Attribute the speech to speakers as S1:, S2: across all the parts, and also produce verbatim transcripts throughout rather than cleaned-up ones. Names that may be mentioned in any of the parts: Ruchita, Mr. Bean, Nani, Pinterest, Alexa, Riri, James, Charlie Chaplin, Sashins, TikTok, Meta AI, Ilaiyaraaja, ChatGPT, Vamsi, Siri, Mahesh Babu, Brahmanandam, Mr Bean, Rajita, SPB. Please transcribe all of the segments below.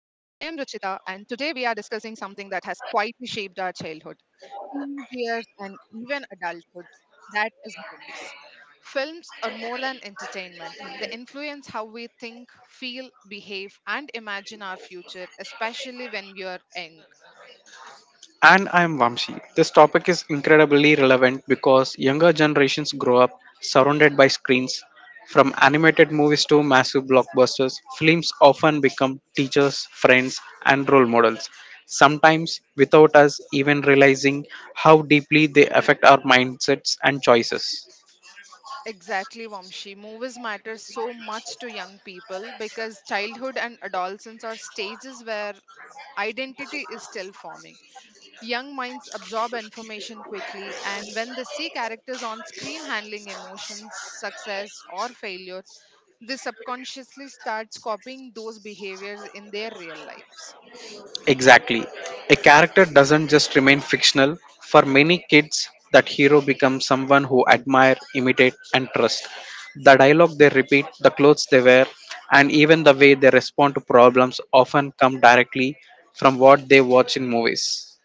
S1: and today we are discussing something that has quietly shaped our childhood, teenage years, and even adulthood. That is movies. Films are more than entertainment, they influence how we think, feel, behave, and imagine our future, especially when we are young.
S2: And I'm Vamsi. This topic is incredibly relevant because younger generations grow up surrounded by screens. From animated movies to massive blockbusters, films often become teachers, friends, and role models, sometimes without us even realizing how deeply they affect our mindsets and choices.
S1: Exactly, Vamshi. Movies matter so much to young people because childhood and adolescence are stages where identity is still forming. Young minds absorb information quickly, and when they see characters on screen handling emotions, success, or failure, they subconsciously starts copying those behaviors in their real lives.
S2: Exactly. A character doesn't just remain fictional. For many kids, that hero becomes someone who admire, imitate, and trust. The dialogue they repeat, the clothes they wear, and even the way they respond to problems often come directly from what they watch in movies.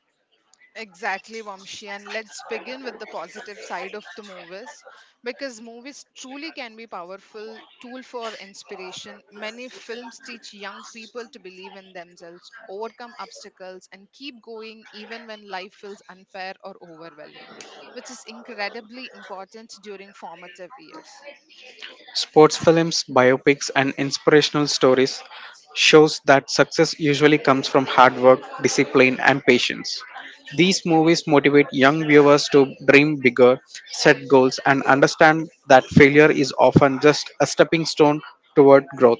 S1: Exactly, Vamshi. And let's begin with the positive side of the movies because movies truly can be powerful tool for inspiration. Many films teach young people to believe in themselves, overcome obstacles and keep going even when life feels unfair or overwhelming, which is incredibly important during formative years.
S2: Sports films, biopics, and inspirational stories shows that success usually comes from hard work, discipline, and patience. These movies motivate young viewers to dream bigger, set goals, and understand that failure is often just a stepping stone toward growth.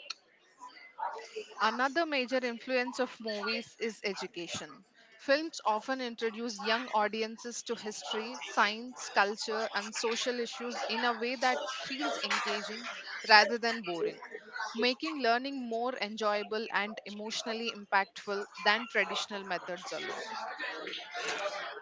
S1: Another major influence of movies is education. Films often introduce young audiences to history, science, culture, and social issues in a way that feels engaging rather than boring, making learning more enjoyable and emotionally impactful than traditional methods alone.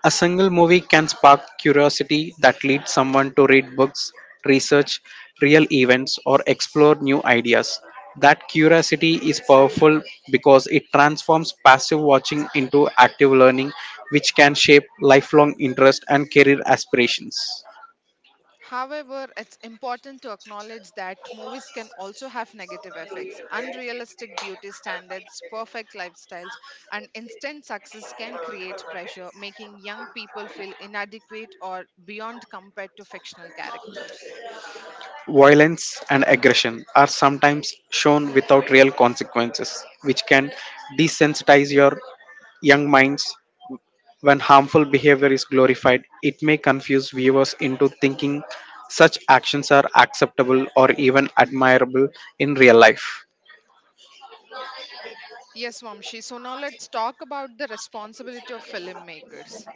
S2: A single movie can spark curiosity that leads someone to read books, research real events, or explore new ideas. That curiosity is powerful because it transforms passive watching into active learning, which can shape lifelong interest and career aspirations.
S1: However, it's important to acknowledge that movies can also have negative effects. Unrealistic beauty standards, perfect lifestyles, and instant success can create pressure, making young people feel inadequate or beyond compared to fictional characters.
S2: Violence and aggression are sometimes shown without real consequences, which can desensitize your young minds. When harmful behavior is glorified, it may confuse viewers into thinking such actions are acceptable or even admirable in real life.
S1: Yes, Vamshi. So now let's talk about the responsibility of filmmakers.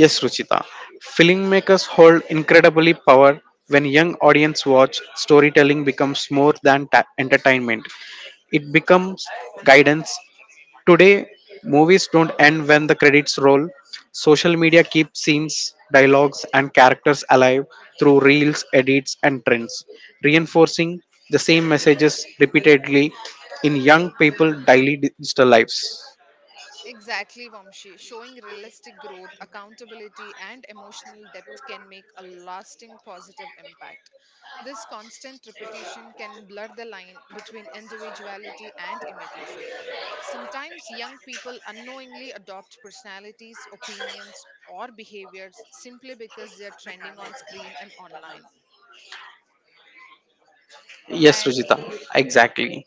S2: Yes, Ruchita. Filmmakers hold incredibly power when young audience watch storytelling becomes more than ta- entertainment, it becomes guidance. Today, movies don't end when the credits roll. Social media keeps scenes, dialogues, and characters alive through reels, edits, and trends, reinforcing the same messages repeatedly in young people' daily digital lives.
S1: Exactly, Vamshi. Showing realistic growth, accountability, and emotional depth can make a lasting positive impact. This constant repetition can blur the line between individuality and imitation. Sometimes young people unknowingly adopt personalities, opinions, or behaviors simply because they are trending on screen and online.
S2: Yes,
S1: And
S2: Rajita, exactly.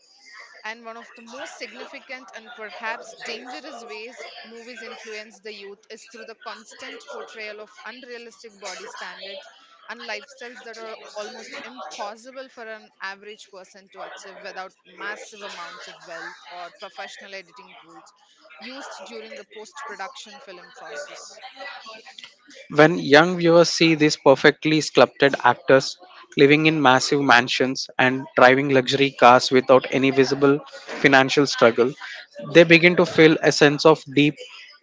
S1: and one of the most significant and perhaps dangerous ways movies influence the youth is through the constant portrayal of unrealistic body standards and lifestyles that are almost impossible for an average person to achieve without massive amounts of wealth or professional editing tools used during the post production film process.
S2: When young viewers see these perfectly sculpted actors living in massive mansions and driving luxury cars without any visible financial struggle, they begin to feel a sense of deep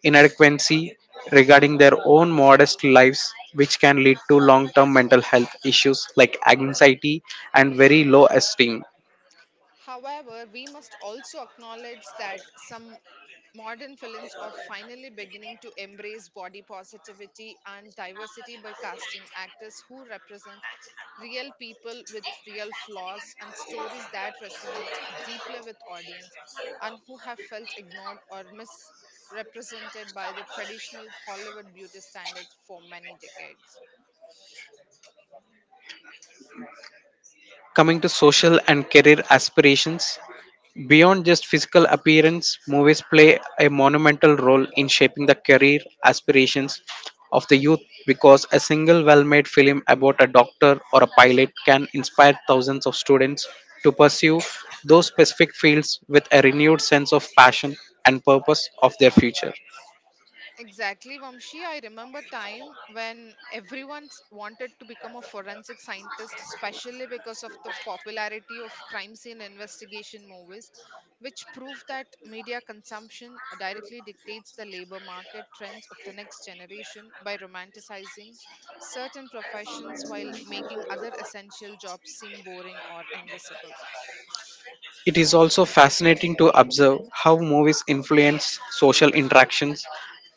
S2: inadequacy regarding their own modest lives, which can lead to long term mental health issues like anxiety and very low esteem.
S1: However, we must also acknowledge that some modern films are finally beginning to embrace body positivity and diversity by casting actors who represent real people with real flaws and stories that resonate deeply with audience and who have felt ignored or misrepresented by the traditional Hollywood beauty standards for many decades.
S2: Coming to social and career aspirations, beyond just physical appearance, movies play a monumental role in shaping the career aspirations of the youth because a single well made film about a doctor or a pilot can inspire thousands of students to pursue those specific fields with a renewed sense of passion and purpose of their future.
S1: Exactly, Vamshi. I remember time when everyone s- wanted to become a forensic scientist, especially because of the popularity of crime scene investigation movies, which prove that media consumption directly dictates the labor market trends of the next generation by romanticizing certain professions while making other essential jobs seem boring or invisible.
S2: It is also fascinating to observe how movies influence social interactions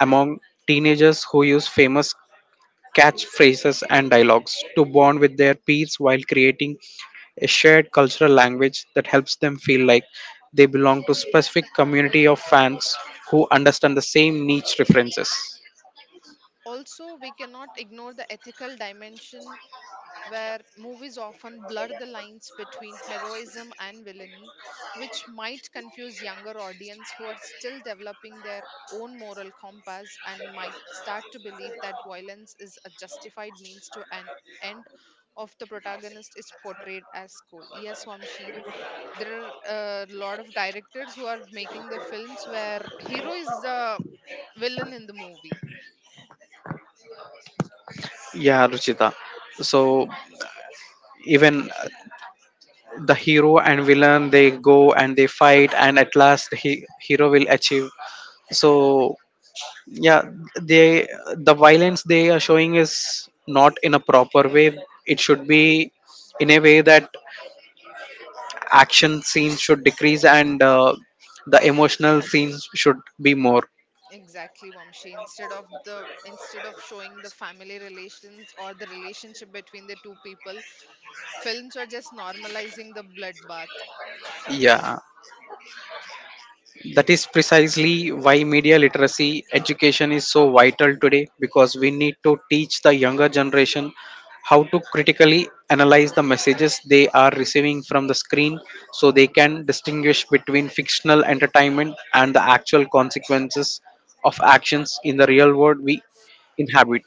S2: among teenagers who use famous catchphrases, and dialogues to bond with their peers while creating a shared cultural language that helps them feel like they belong to a specific community of fans who understand the same niche references.
S1: Also, we cannot ignore the ethical dimension where movies often blur the lines between heroism and villainy, which might confuse younger audience who are still developing their own moral compass and might start to believe that violence is a justified means to an end of the protagonist is portrayed as cool. Yes, Wamshi, there are a lot of directors who are making the films where hero is the villain in the movie.
S2: Yeah, Ruchita. So even uh, the hero and villain, they go and they fight, and at last he hero will achieve. So yeah, they the violence they are showing is not in a proper way. It should be in a way that action scenes should decrease and uh, the emotional scenes should be more.
S1: Exactly, Vamshi. Instead of the instead of showing the family relations or the relationship between the two people, films are just normalizing the bloodbath.
S2: Yeah, that is precisely why media literacy education is so vital today, because we need to teach the younger generation how to critically analyze the messages they are receiving from the screen, so they can distinguish between fictional entertainment and the actual consequences of actions in the real world we inhabit.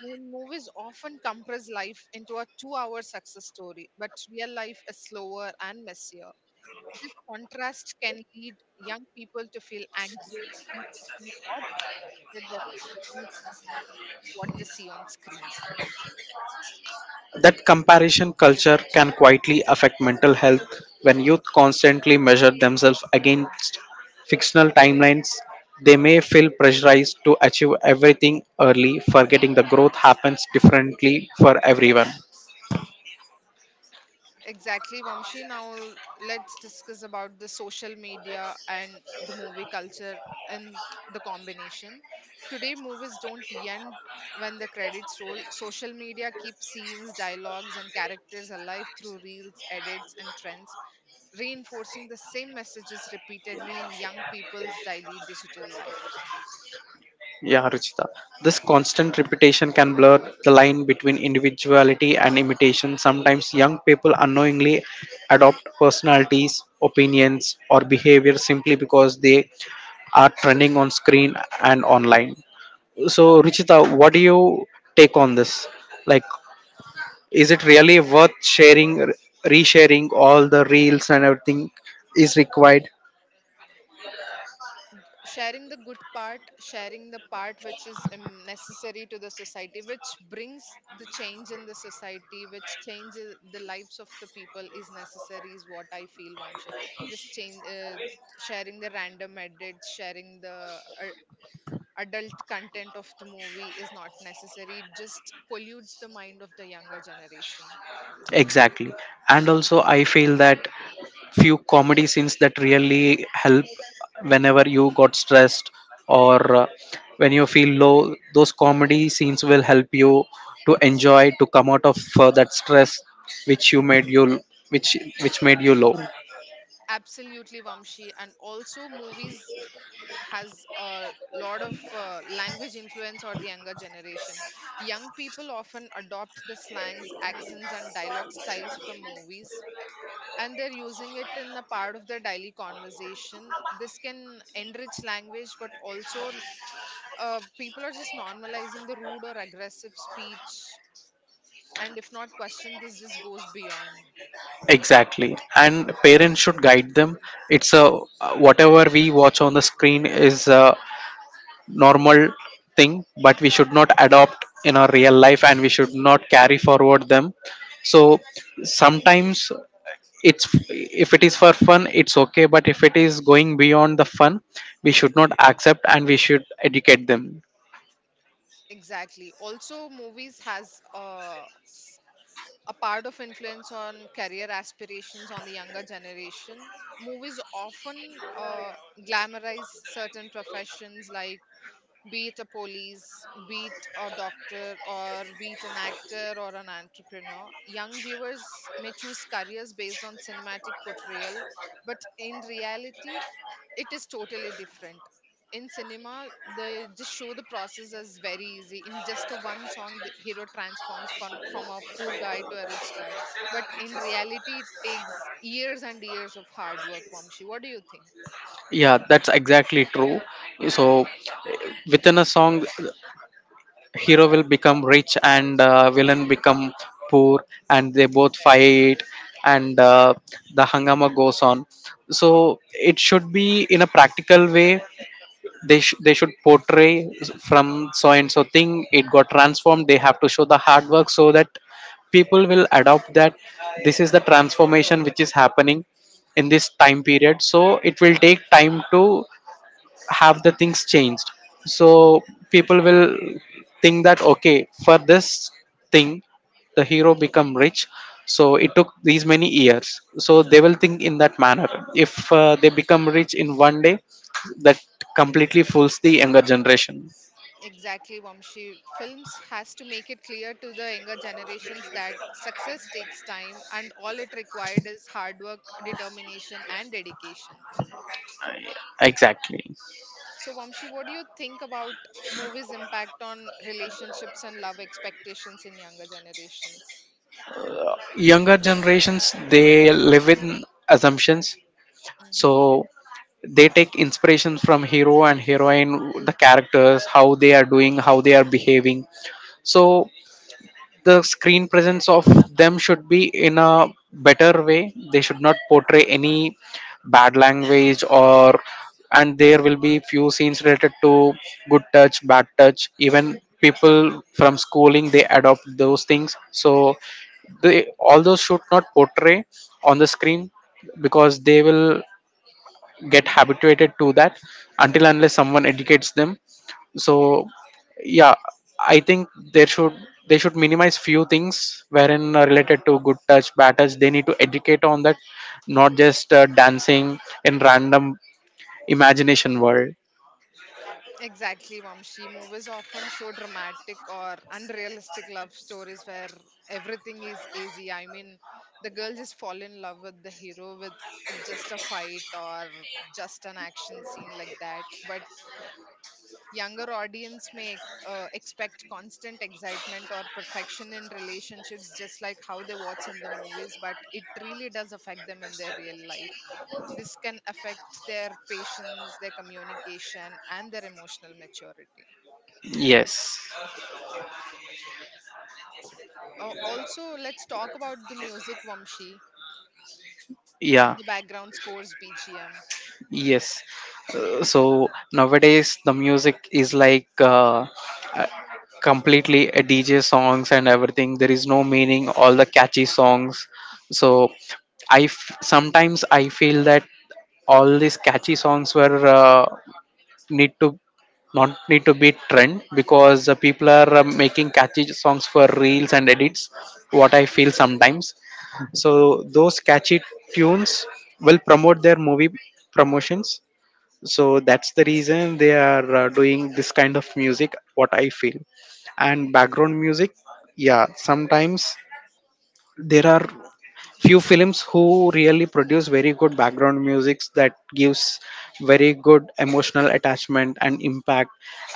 S1: Mo- Movies often compress life into a two-hour success story, but real life is slower and messier. This contrast can lead young people to feel anxious, impatient, or disappointed when they don't what they see on screen.
S2: That comparison culture can quietly affect mental health when youth constantly measure themselves against fictional timelines. They may feel pressurized to achieve everything early, forgetting the growth happens differently for everyone.
S1: Exactly, Vamshi. Now let's discuss about the social media and the movie culture and the combination. Today, movies don't end when the credits roll. Social media keeps scenes, dialogues, and characters alive through reels, edits, and trends, reinforcing the same messages repeatedly in young people's daily digital lives.
S2: Yeah, Ruchita. This constant repetition can blur the line between individuality and imitation. Sometimes young people unknowingly adopt personalities, opinions, or behavior simply because they are trending on screen and online. So, Ruchita, what do you take on this? Like, is it really worth sharing, r- resharing all the reels and everything is required?
S1: Sharing the good part, sharing the part which is um, necessary to the society, which brings the change in the society, which changes the lives of the people is necessary, is what I feel, Vamshi. Just change, uh, sharing the random edits, sharing the uh, adult content of the movie is not necessary. It just pollutes the mind of the younger generation.
S2: Exactly. And also, I feel that few comedy scenes that really help whenever you got stressed or uh, when you feel low, those comedy scenes will help you to enjoy to come out of uh, that stress which you made you which which made you low.
S1: Absolutely, Vamshi. And also movies has a lot of uh, language influence or the younger generation. Young people often adopt the slangs, accents and dialogue styles from movies, and they're using it in a part of their daily conversation. This can enrich language, but also uh, people are just normalizing the rude or aggressive speech, and if not questioned, this just goes beyond.
S2: Exactly, and parents should guide them. It's a whatever we watch on the screen is a normal thing, but we should not adopt in our real life and we should not carry forward them. So sometimes it's if it is for fun it's okay, but if it is going beyond the fun, we should not accept and we should educate them.
S1: Exactly. Also movies has a a part of influence on career aspirations on the younger generation. Movies often uh, glamorize certain professions like, be it a police, be it a doctor, or be it an actor or an entrepreneur. Young viewers may choose careers based on cinematic portrayal, but in reality, it is totally different. In cinema, they just show the process as very easy. In just a one song, the hero transforms from, from a poor guy to a rich guy. But in reality, it takes years and years of hard work, Vamshi. What do you think?
S2: Yeah, that's exactly true. So within a song hero will become rich and uh, villain become poor, and they both
S1: Exactly.
S2: fight, and uh, the hangama goes on. So it should be in a practical way. They sh- they should portray from so and so thing it got transformed. They have to show the hard work so that people will adopt that this is the transformation which is happening in this time period, so it will take time to have the things changed. So people will think that okay, for this thing the hero become rich, so it took these many years, so they will think in that manner. If uh, they become rich in one day, that completely fools the younger generation.
S1: Exactly, Vamshi. Films has to make it clear to the younger generations that success takes time and all it required is hard work, determination and dedication.
S2: Exactly.
S1: So Vamshi, what do you think about movies impact on relationships and love expectations in younger generations?
S2: Younger generations, they live in assumptions.
S1: Mm-hmm.
S2: So they take inspiration from hero and heroine, the characters, how they are doing, how they are behaving. So the screen presence of them should be in a better way. They should not portray any bad language or, and there will be few scenes related to good touch bad touch. Even people from schooling they adopt those things, so they all those should not portray on the screen because they will get habituated to that until unless someone educates them. So yeah, I think there should they should minimize few things wherein uh, related to good touch bad touch they need to educate on that, not just uh, dancing in random imagination world.
S1: Exactly, Vamshi. Movies often show dramatic or unrealistic love stories where everything is easy. I mean, the girl just fall in love with the hero with just a fight or just an action scene like that. But younger audience may uh, expect constant excitement or perfection in relationships, just like how they watch in the movies, but it really does affect them in their real life. This can affect their patience, their communication, and their emotional maturity.
S2: Yes.
S1: Uh, also, let's talk about the music, Vamshi,
S2: Yeah.
S1: and the background scores, B G M.
S2: Yes. Uh, so nowadays the music is like uh, completely a D J songs and everything. There is no meaning, all the catchy songs. So I f- sometimes I feel that all these catchy songs were uh, need to not need to be trend because the people are uh, making catchy songs for reels and edits. What I feel sometimes. So those catchy tunes will promote their movie promotions, so that's the reason they are uh, doing this kind of music, what I feel. And background music, yeah sometimes there are few films who really produce very good background musics that gives very good emotional attachment and impact,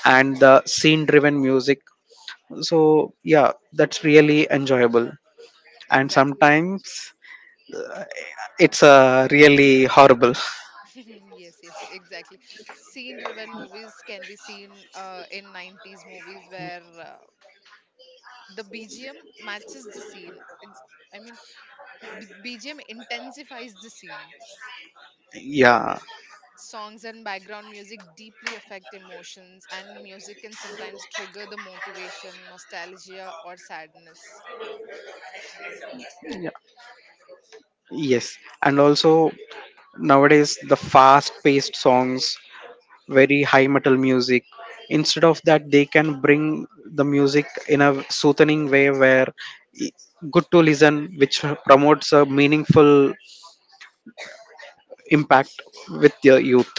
S2: and the scene driven music. So yeah, that's really enjoyable. And
S1: Exactly, Vamshi.
S2: sometimes it's uh, really horrible.
S1: Yes, yes, exactly. Scene driven movies can be seen uh, in nineties movies where uh, the B G M matches the scene. It- I mean, B- BGM intensifies the scene.
S2: Yeah,
S1: Songs and background music deeply affect emotions, and music can sometimes trigger the motivation, nostalgia, or sadness.
S2: yes. And also nowadays the fast paced songs, very high metal music, instead of that they can bring the music in a soothing way where i- good to listen, which promotes a meaningful impact with the youth.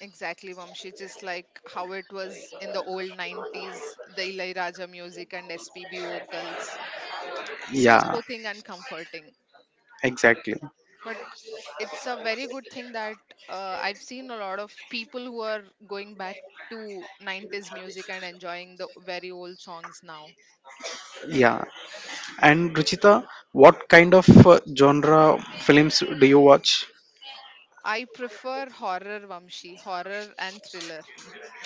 S1: Exactly, Vamshi, just like how it was in the old nineties, the Ilaiyaraaja music and S P B vocals. So
S2: Yeah,
S1: soothing and comforting.
S2: exactly.
S1: But it's a very good thing that uh, I've seen a lot of people who are going back to nineties music and enjoying the very old songs now.
S2: Yeah. And Ruchita, what kind of uh, genre films do you watch?
S1: I prefer horror, Vamshi, horror and thriller.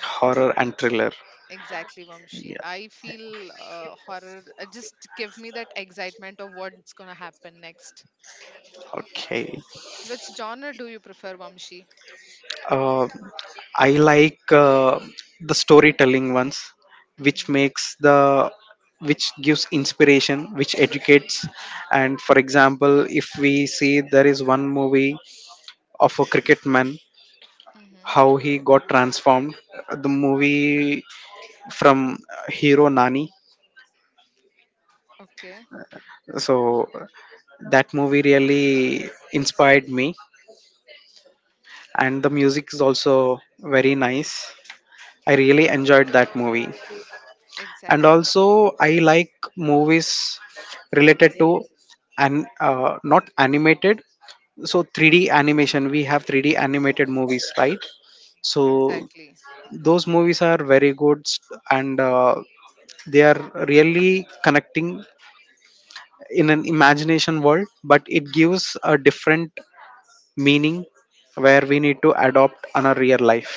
S2: Horror and thriller.
S1: Exactly, Vamshi.
S2: Yeah,
S1: I feel uh, horror uh, just give me that excitement of what's gonna happen next.
S2: okay.
S1: Which genre do you prefer, Vamshi?
S2: Uh, I like uh, the storytelling ones, which
S1: Mm-hmm.
S2: makes the which gives inspiration, which educates. And for example, if we see there is one movie of a cricket man, how
S1: Mm-hmm.
S2: he got transformed, the movie from uh, hero Nani.
S1: Okay.
S2: So that movie really inspired me, and the music is also very nice. I really enjoyed that movie. And
S1: Exactly.
S2: also I like movies related to and uh, not animated. So three D animation, we have three D animated movies, right? So
S1: Exactly.
S2: those movies are very good s- and uh, they are really connecting in an imagination world, but it gives a different meaning where we need to adopt on a real life.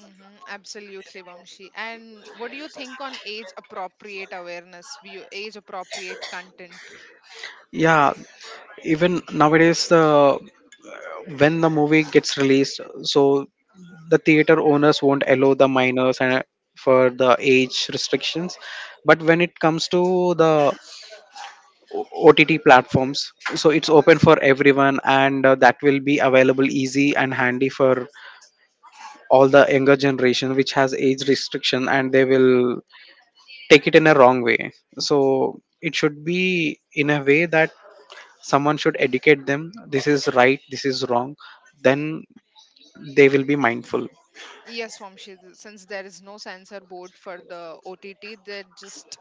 S1: Mm-hmm, absolutely, Vamshi. And what do you think on age appropriate awareness, view, age appropriate content?
S2: Yeah, even nowadays the when the movie gets released, so the theater owners won't allow the minors and for the age restrictions. But when it comes to the OTT platforms, so it's open for everyone, and uh, that will be available easy and handy for all the younger generation which has age restriction, and they will take it in a wrong way. So it should be in a way that someone should educate them this is right, this is wrong, then they will be mindful.
S1: Yes, Vamshi, th- since there is no censor board for the O T T, they just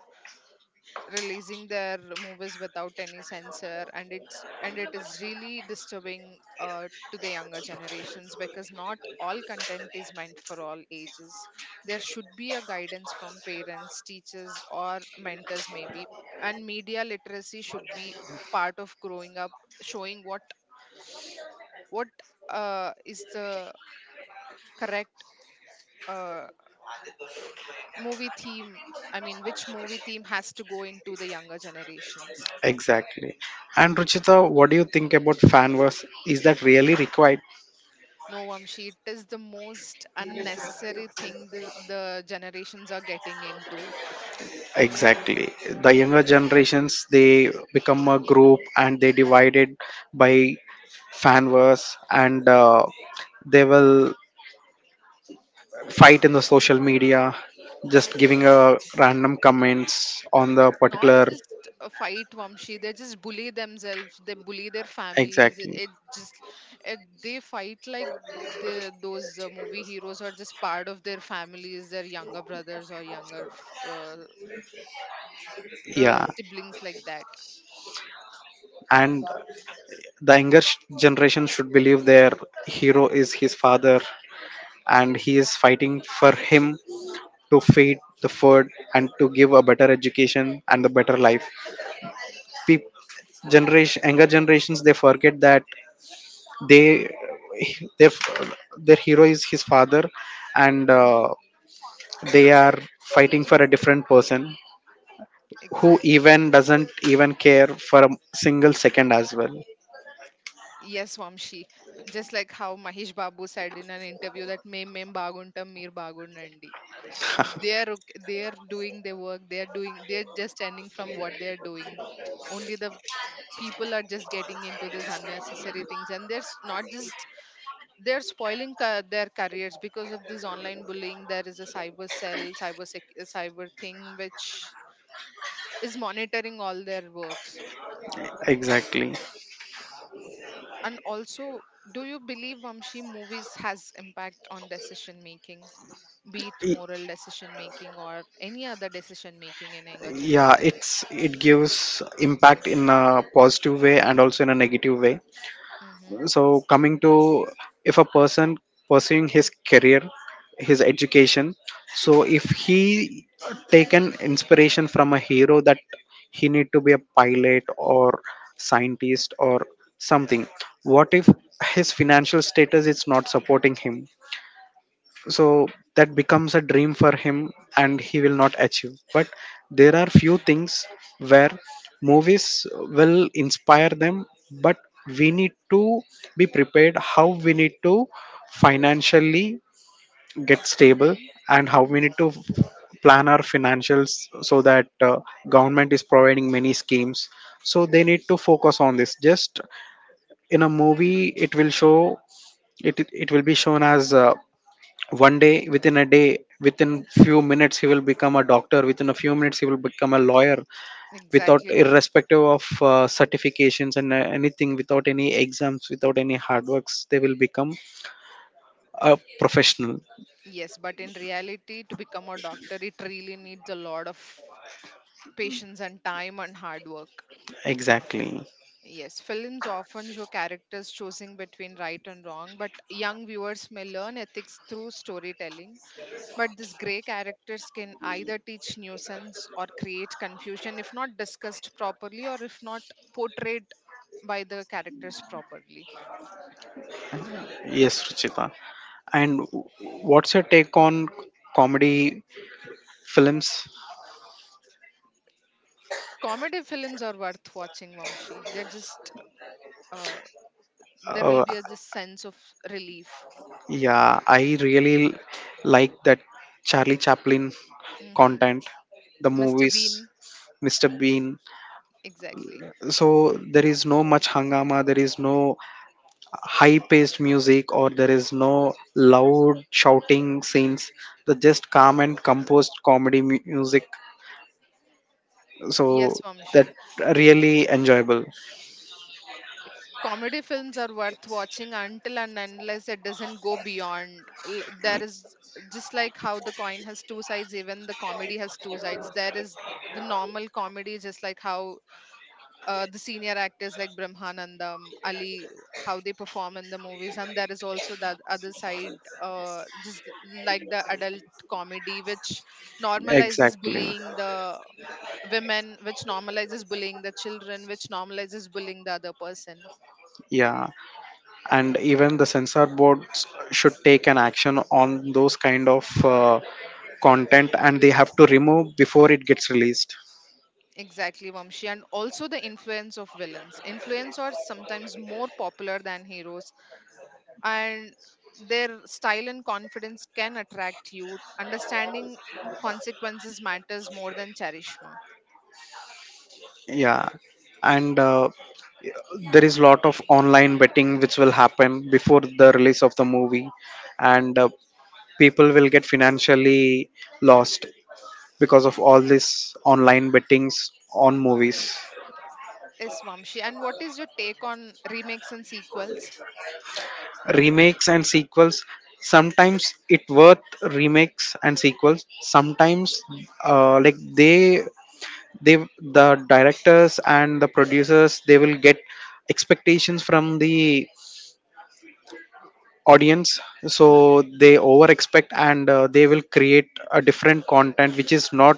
S1: releasing their movies without any censor, and it's and it is really disturbing uh, to the younger generations, because not all content is meant for all ages. There should be a guidance from parents, teachers or mentors maybe, and media literacy should be part of growing up, showing what what uh, is the correct uh, movie theme. I mean, which movie theme has to go into the younger generations.
S2: Exactly. And Ruchita, what do you think about fan wars? Is that really required?
S1: No, Vamshi, it is the most unnecessary thing the, the generations are getting into.
S2: Exactly. The younger generations they become a group, and they divided by fan wars, and uh, they will fight in the social media, just giving a random comments on the
S1: It's not
S2: particular.
S1: just a fight, Vamshi. They just bully themselves. They bully their families. It,
S2: Exactly.
S1: it just it, they fight like the those uh, movie heroes are just part of their families, their younger brothers or younger f- uh, uh,
S2: Yeah.
S1: siblings like that.
S2: And the younger sh- generation should believe their hero is his father, and he is fighting for him to feed the food and to give a better education and a better life. People, generation, younger generations, they forget that they their their hero is his father, and
S1: Hmm.
S2: uh, they are fighting for a different person who
S1: Exactly.
S2: even doesn't even care for a single second as well.
S1: Yes, Vamshi. Just like how Mahesh Babu said in an interview that "Mem mem baguntam, mir bagundandi." They are ok- they are doing their work, they are doing, they are just standing from what they are doing. Only the people are just getting into these unnecessary things, and they're s- not just they're spoiling ca- their careers because of this online bullying. There is a cyber cell, cyber sec- uh, cyber thing which is monitoring all their works.
S2: Exactly.
S1: And also, do you believe, Vamshi, movies has impact on decision making, be it
S2: Y-
S1: moral decision making or any other decision making in younger
S2: yeah
S1: generation?
S2: it's it gives impact in a positive way and also in a negative way. So, coming to, if a person pursuing his career, his education, so if he taken inspiration from a hero that he need to be a pilot or scientist or something, what if his financial status is not supporting him, so that becomes a dream for him and he will not achieve. But there are few things where movies will inspire them, but we need to be prepared how we need to financially get stable
S1: Mm-hmm.
S2: and how
S1: Mm-hmm.
S2: we need to plan our financials. So that uh, government is providing many schemes, so they need to focus on this. Just in a movie it will show, it it will be shown as uh, one day, within a day, within few minutes he will become a doctor, within a few minutes he will become a lawyer, without
S1: Exactly, Vamshi.
S2: irrespective of uh, certifications and uh, anything, without any exams, without any hard works, they will become a professional.
S1: Yes, but in reality, to become a doctor, it really needs a lot of patience and time and hard work.
S2: Exactly.
S1: Yes, films often show characters choosing between right and wrong, but young viewers may learn ethics through storytelling. But these grey characters can either teach nuisance or create confusion if not discussed properly or if not portrayed by the characters properly.
S2: Yes, Ruchita, and what's your take on comedy films?
S1: Comedy films are worth watching, Vamshi. They're just uh, there will
S2: uh,
S1: be a just sense of relief.
S2: yeah, I really like that Charlie Chaplin
S1: Hmm.
S2: content, the
S1: mister
S2: movies.
S1: Bean,
S2: Mr. Bean.
S1: exactly.
S2: So there is no much hangama, there is no high paced music, or there is no loud shouting scenes. The just calm and composed comedy mu- music. So
S1: Yes,
S2: that
S1: Vamshi.
S2: really enjoyable.
S1: Comedy films are worth watching until and unless it doesn't go beyond. L- There is just like how the coin has two sides, even the comedy has two sides. There is the normal comedy, just like how uh, the senior actors like Brahmanandam, Ali, how they perform in the movies, and there is also that other side, uh, just like the adult comedy, which normalizes
S2: Exactly.
S1: bullying the women, which normalizes bullying the children, which normalizes bullying the other person.
S2: Yeah, and even the censor boards should take an action on those kind of uh, content, and they have to remove before it gets released.
S1: Exactly, Vamshi, and also the influence of villains. Influence are sometimes more popular than heroes, and their style and confidence can attract youth. Understanding consequences matters more than charisma.
S2: Yeah, and uh, yeah, there is lot of online betting which will happen before the release of the movie, and uh, people will get financially lost because of all this online bettings on movies.
S1: Yes, Vamshi. And what is your take on remakes and sequels?
S2: Remakes and sequels, sometimes it worth. Remakes and sequels, sometimes, uh, like, they they the directors and the producers, they will get expectations from the audience,
S1: Mm.
S2: so they over expect and uh, they will create a different content which is not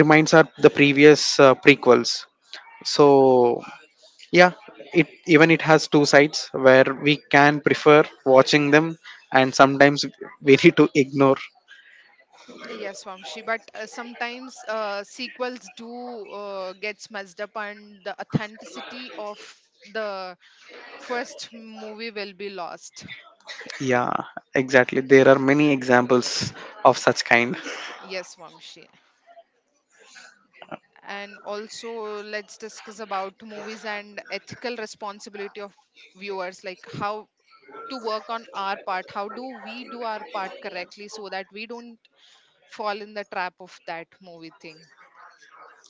S2: reminds our the previous uh, prequels. So yeah, it even it has two sides where we can prefer watching them, and sometimes we need to ignore.
S1: Yes, Vamshi. But uh, sometimes uh, sequels do uh, gets messed up, and the authenticity of the first movie will be lost.
S2: Yeah, exactly, there are many examples of such kind.
S1: Yes, Vamshi. And also let's discuss about movies and ethical responsibility of viewers, like how to work on our part, how do we do our part correctly so that we don't fall in the trap of that movie thing.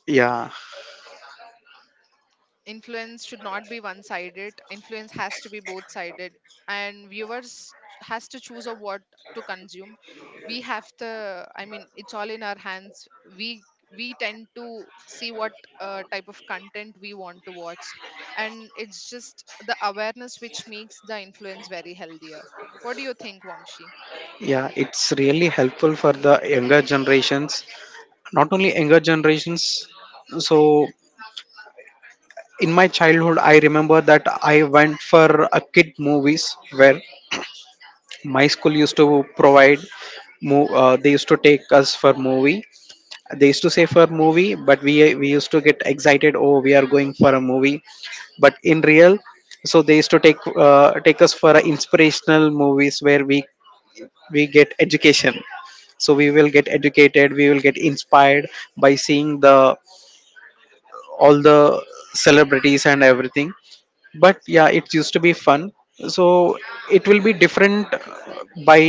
S2: Yeah.
S1: Influence should not be one sided, influence has to be both sided, and viewers has to choose of what to consume. We have to, I mean, it's all in our hands. we we tend to see what uh, type of content we want to watch, and it's just the awareness which makes the influence very healthier. What do you think, Vamshi?
S2: Yeah, it's really helpful for the younger generations, not only younger generations. So in my childhood I remember that I went for a kid movies where my school used to provide, mo- uh, they used to take us for movie. They used to say for movie but we we used to get excited, oh we are going for a movie, but in real, so they used to take, uh, take us for a inspirational movies where we we get education. So we
S1: Mm.
S2: will get educated, we will get inspired by seeing the all the celebrities and everything. But yeah, it used to be fun. So it will be different uh, by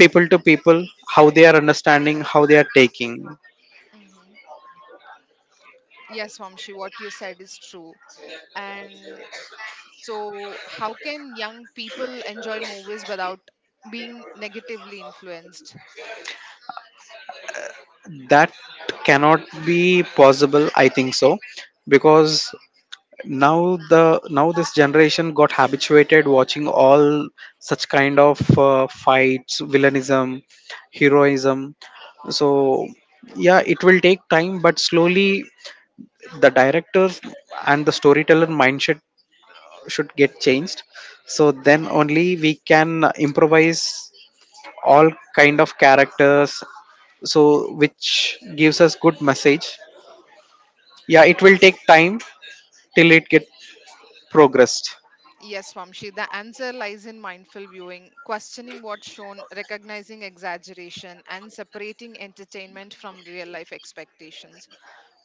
S2: people to people, how they are understanding, how they are taking.
S1: Hmm. Yes, Vamshi, what you said is true. And so, how can young people enjoy movies without being negatively influenced?
S2: That cannot be possible I think so, because now the now this generation got habituated watching all such kind of uh, fights, villainism, heroism. So yeah, it will take time, but slowly the directors and the storyteller mindset should get changed. So then only we can improvise all kind of characters, so which gives us good message. Yeah, it will take time till it get progressed.
S1: Yes, Vamshi, the answer lies in mindful viewing, questioning what's shown, recognizing exaggeration, and separating entertainment from real life expectations.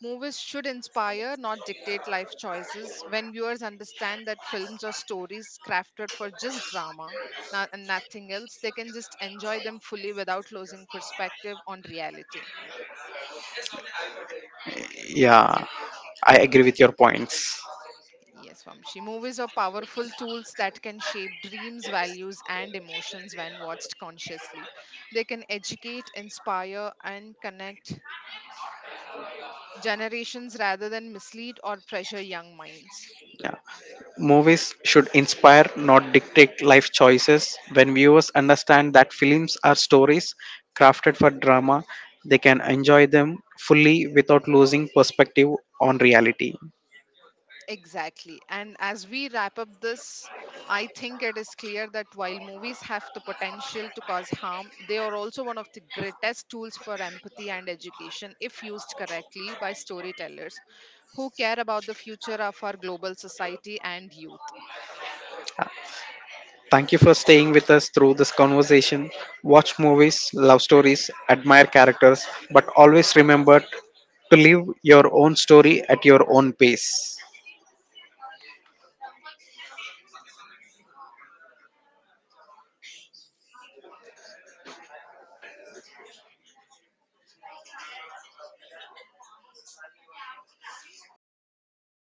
S1: Movies should inspire, not dictate life choices. When viewers understand that films are stories crafted for just drama no- and nothing else, they can just enjoy them fully without losing perspective on reality.
S2: Yeah, I agree with your points.
S1: Yes, Vamshi. Movies are powerful tools that can shape dreams, values, and emotions when watched consciously. They can educate, inspire, and connect generations rather than mislead or pressure young minds.
S2: Yeah, movies should inspire, not dictate life choices. When viewers understand that films are stories crafted for drama, they can enjoy them fully without losing perspective on reality.
S1: Exactly. And as we wrap up this, I think it is clear that while movies have the potential to cause harm, they are also one of the greatest tools for empathy and education if used correctly by storytellers who care about the future of our global society and youth.
S2: Thank you for staying with us through this conversation. Watch movies, love stories, admire characters, but always remember to live your own story at your own pace. Yeah.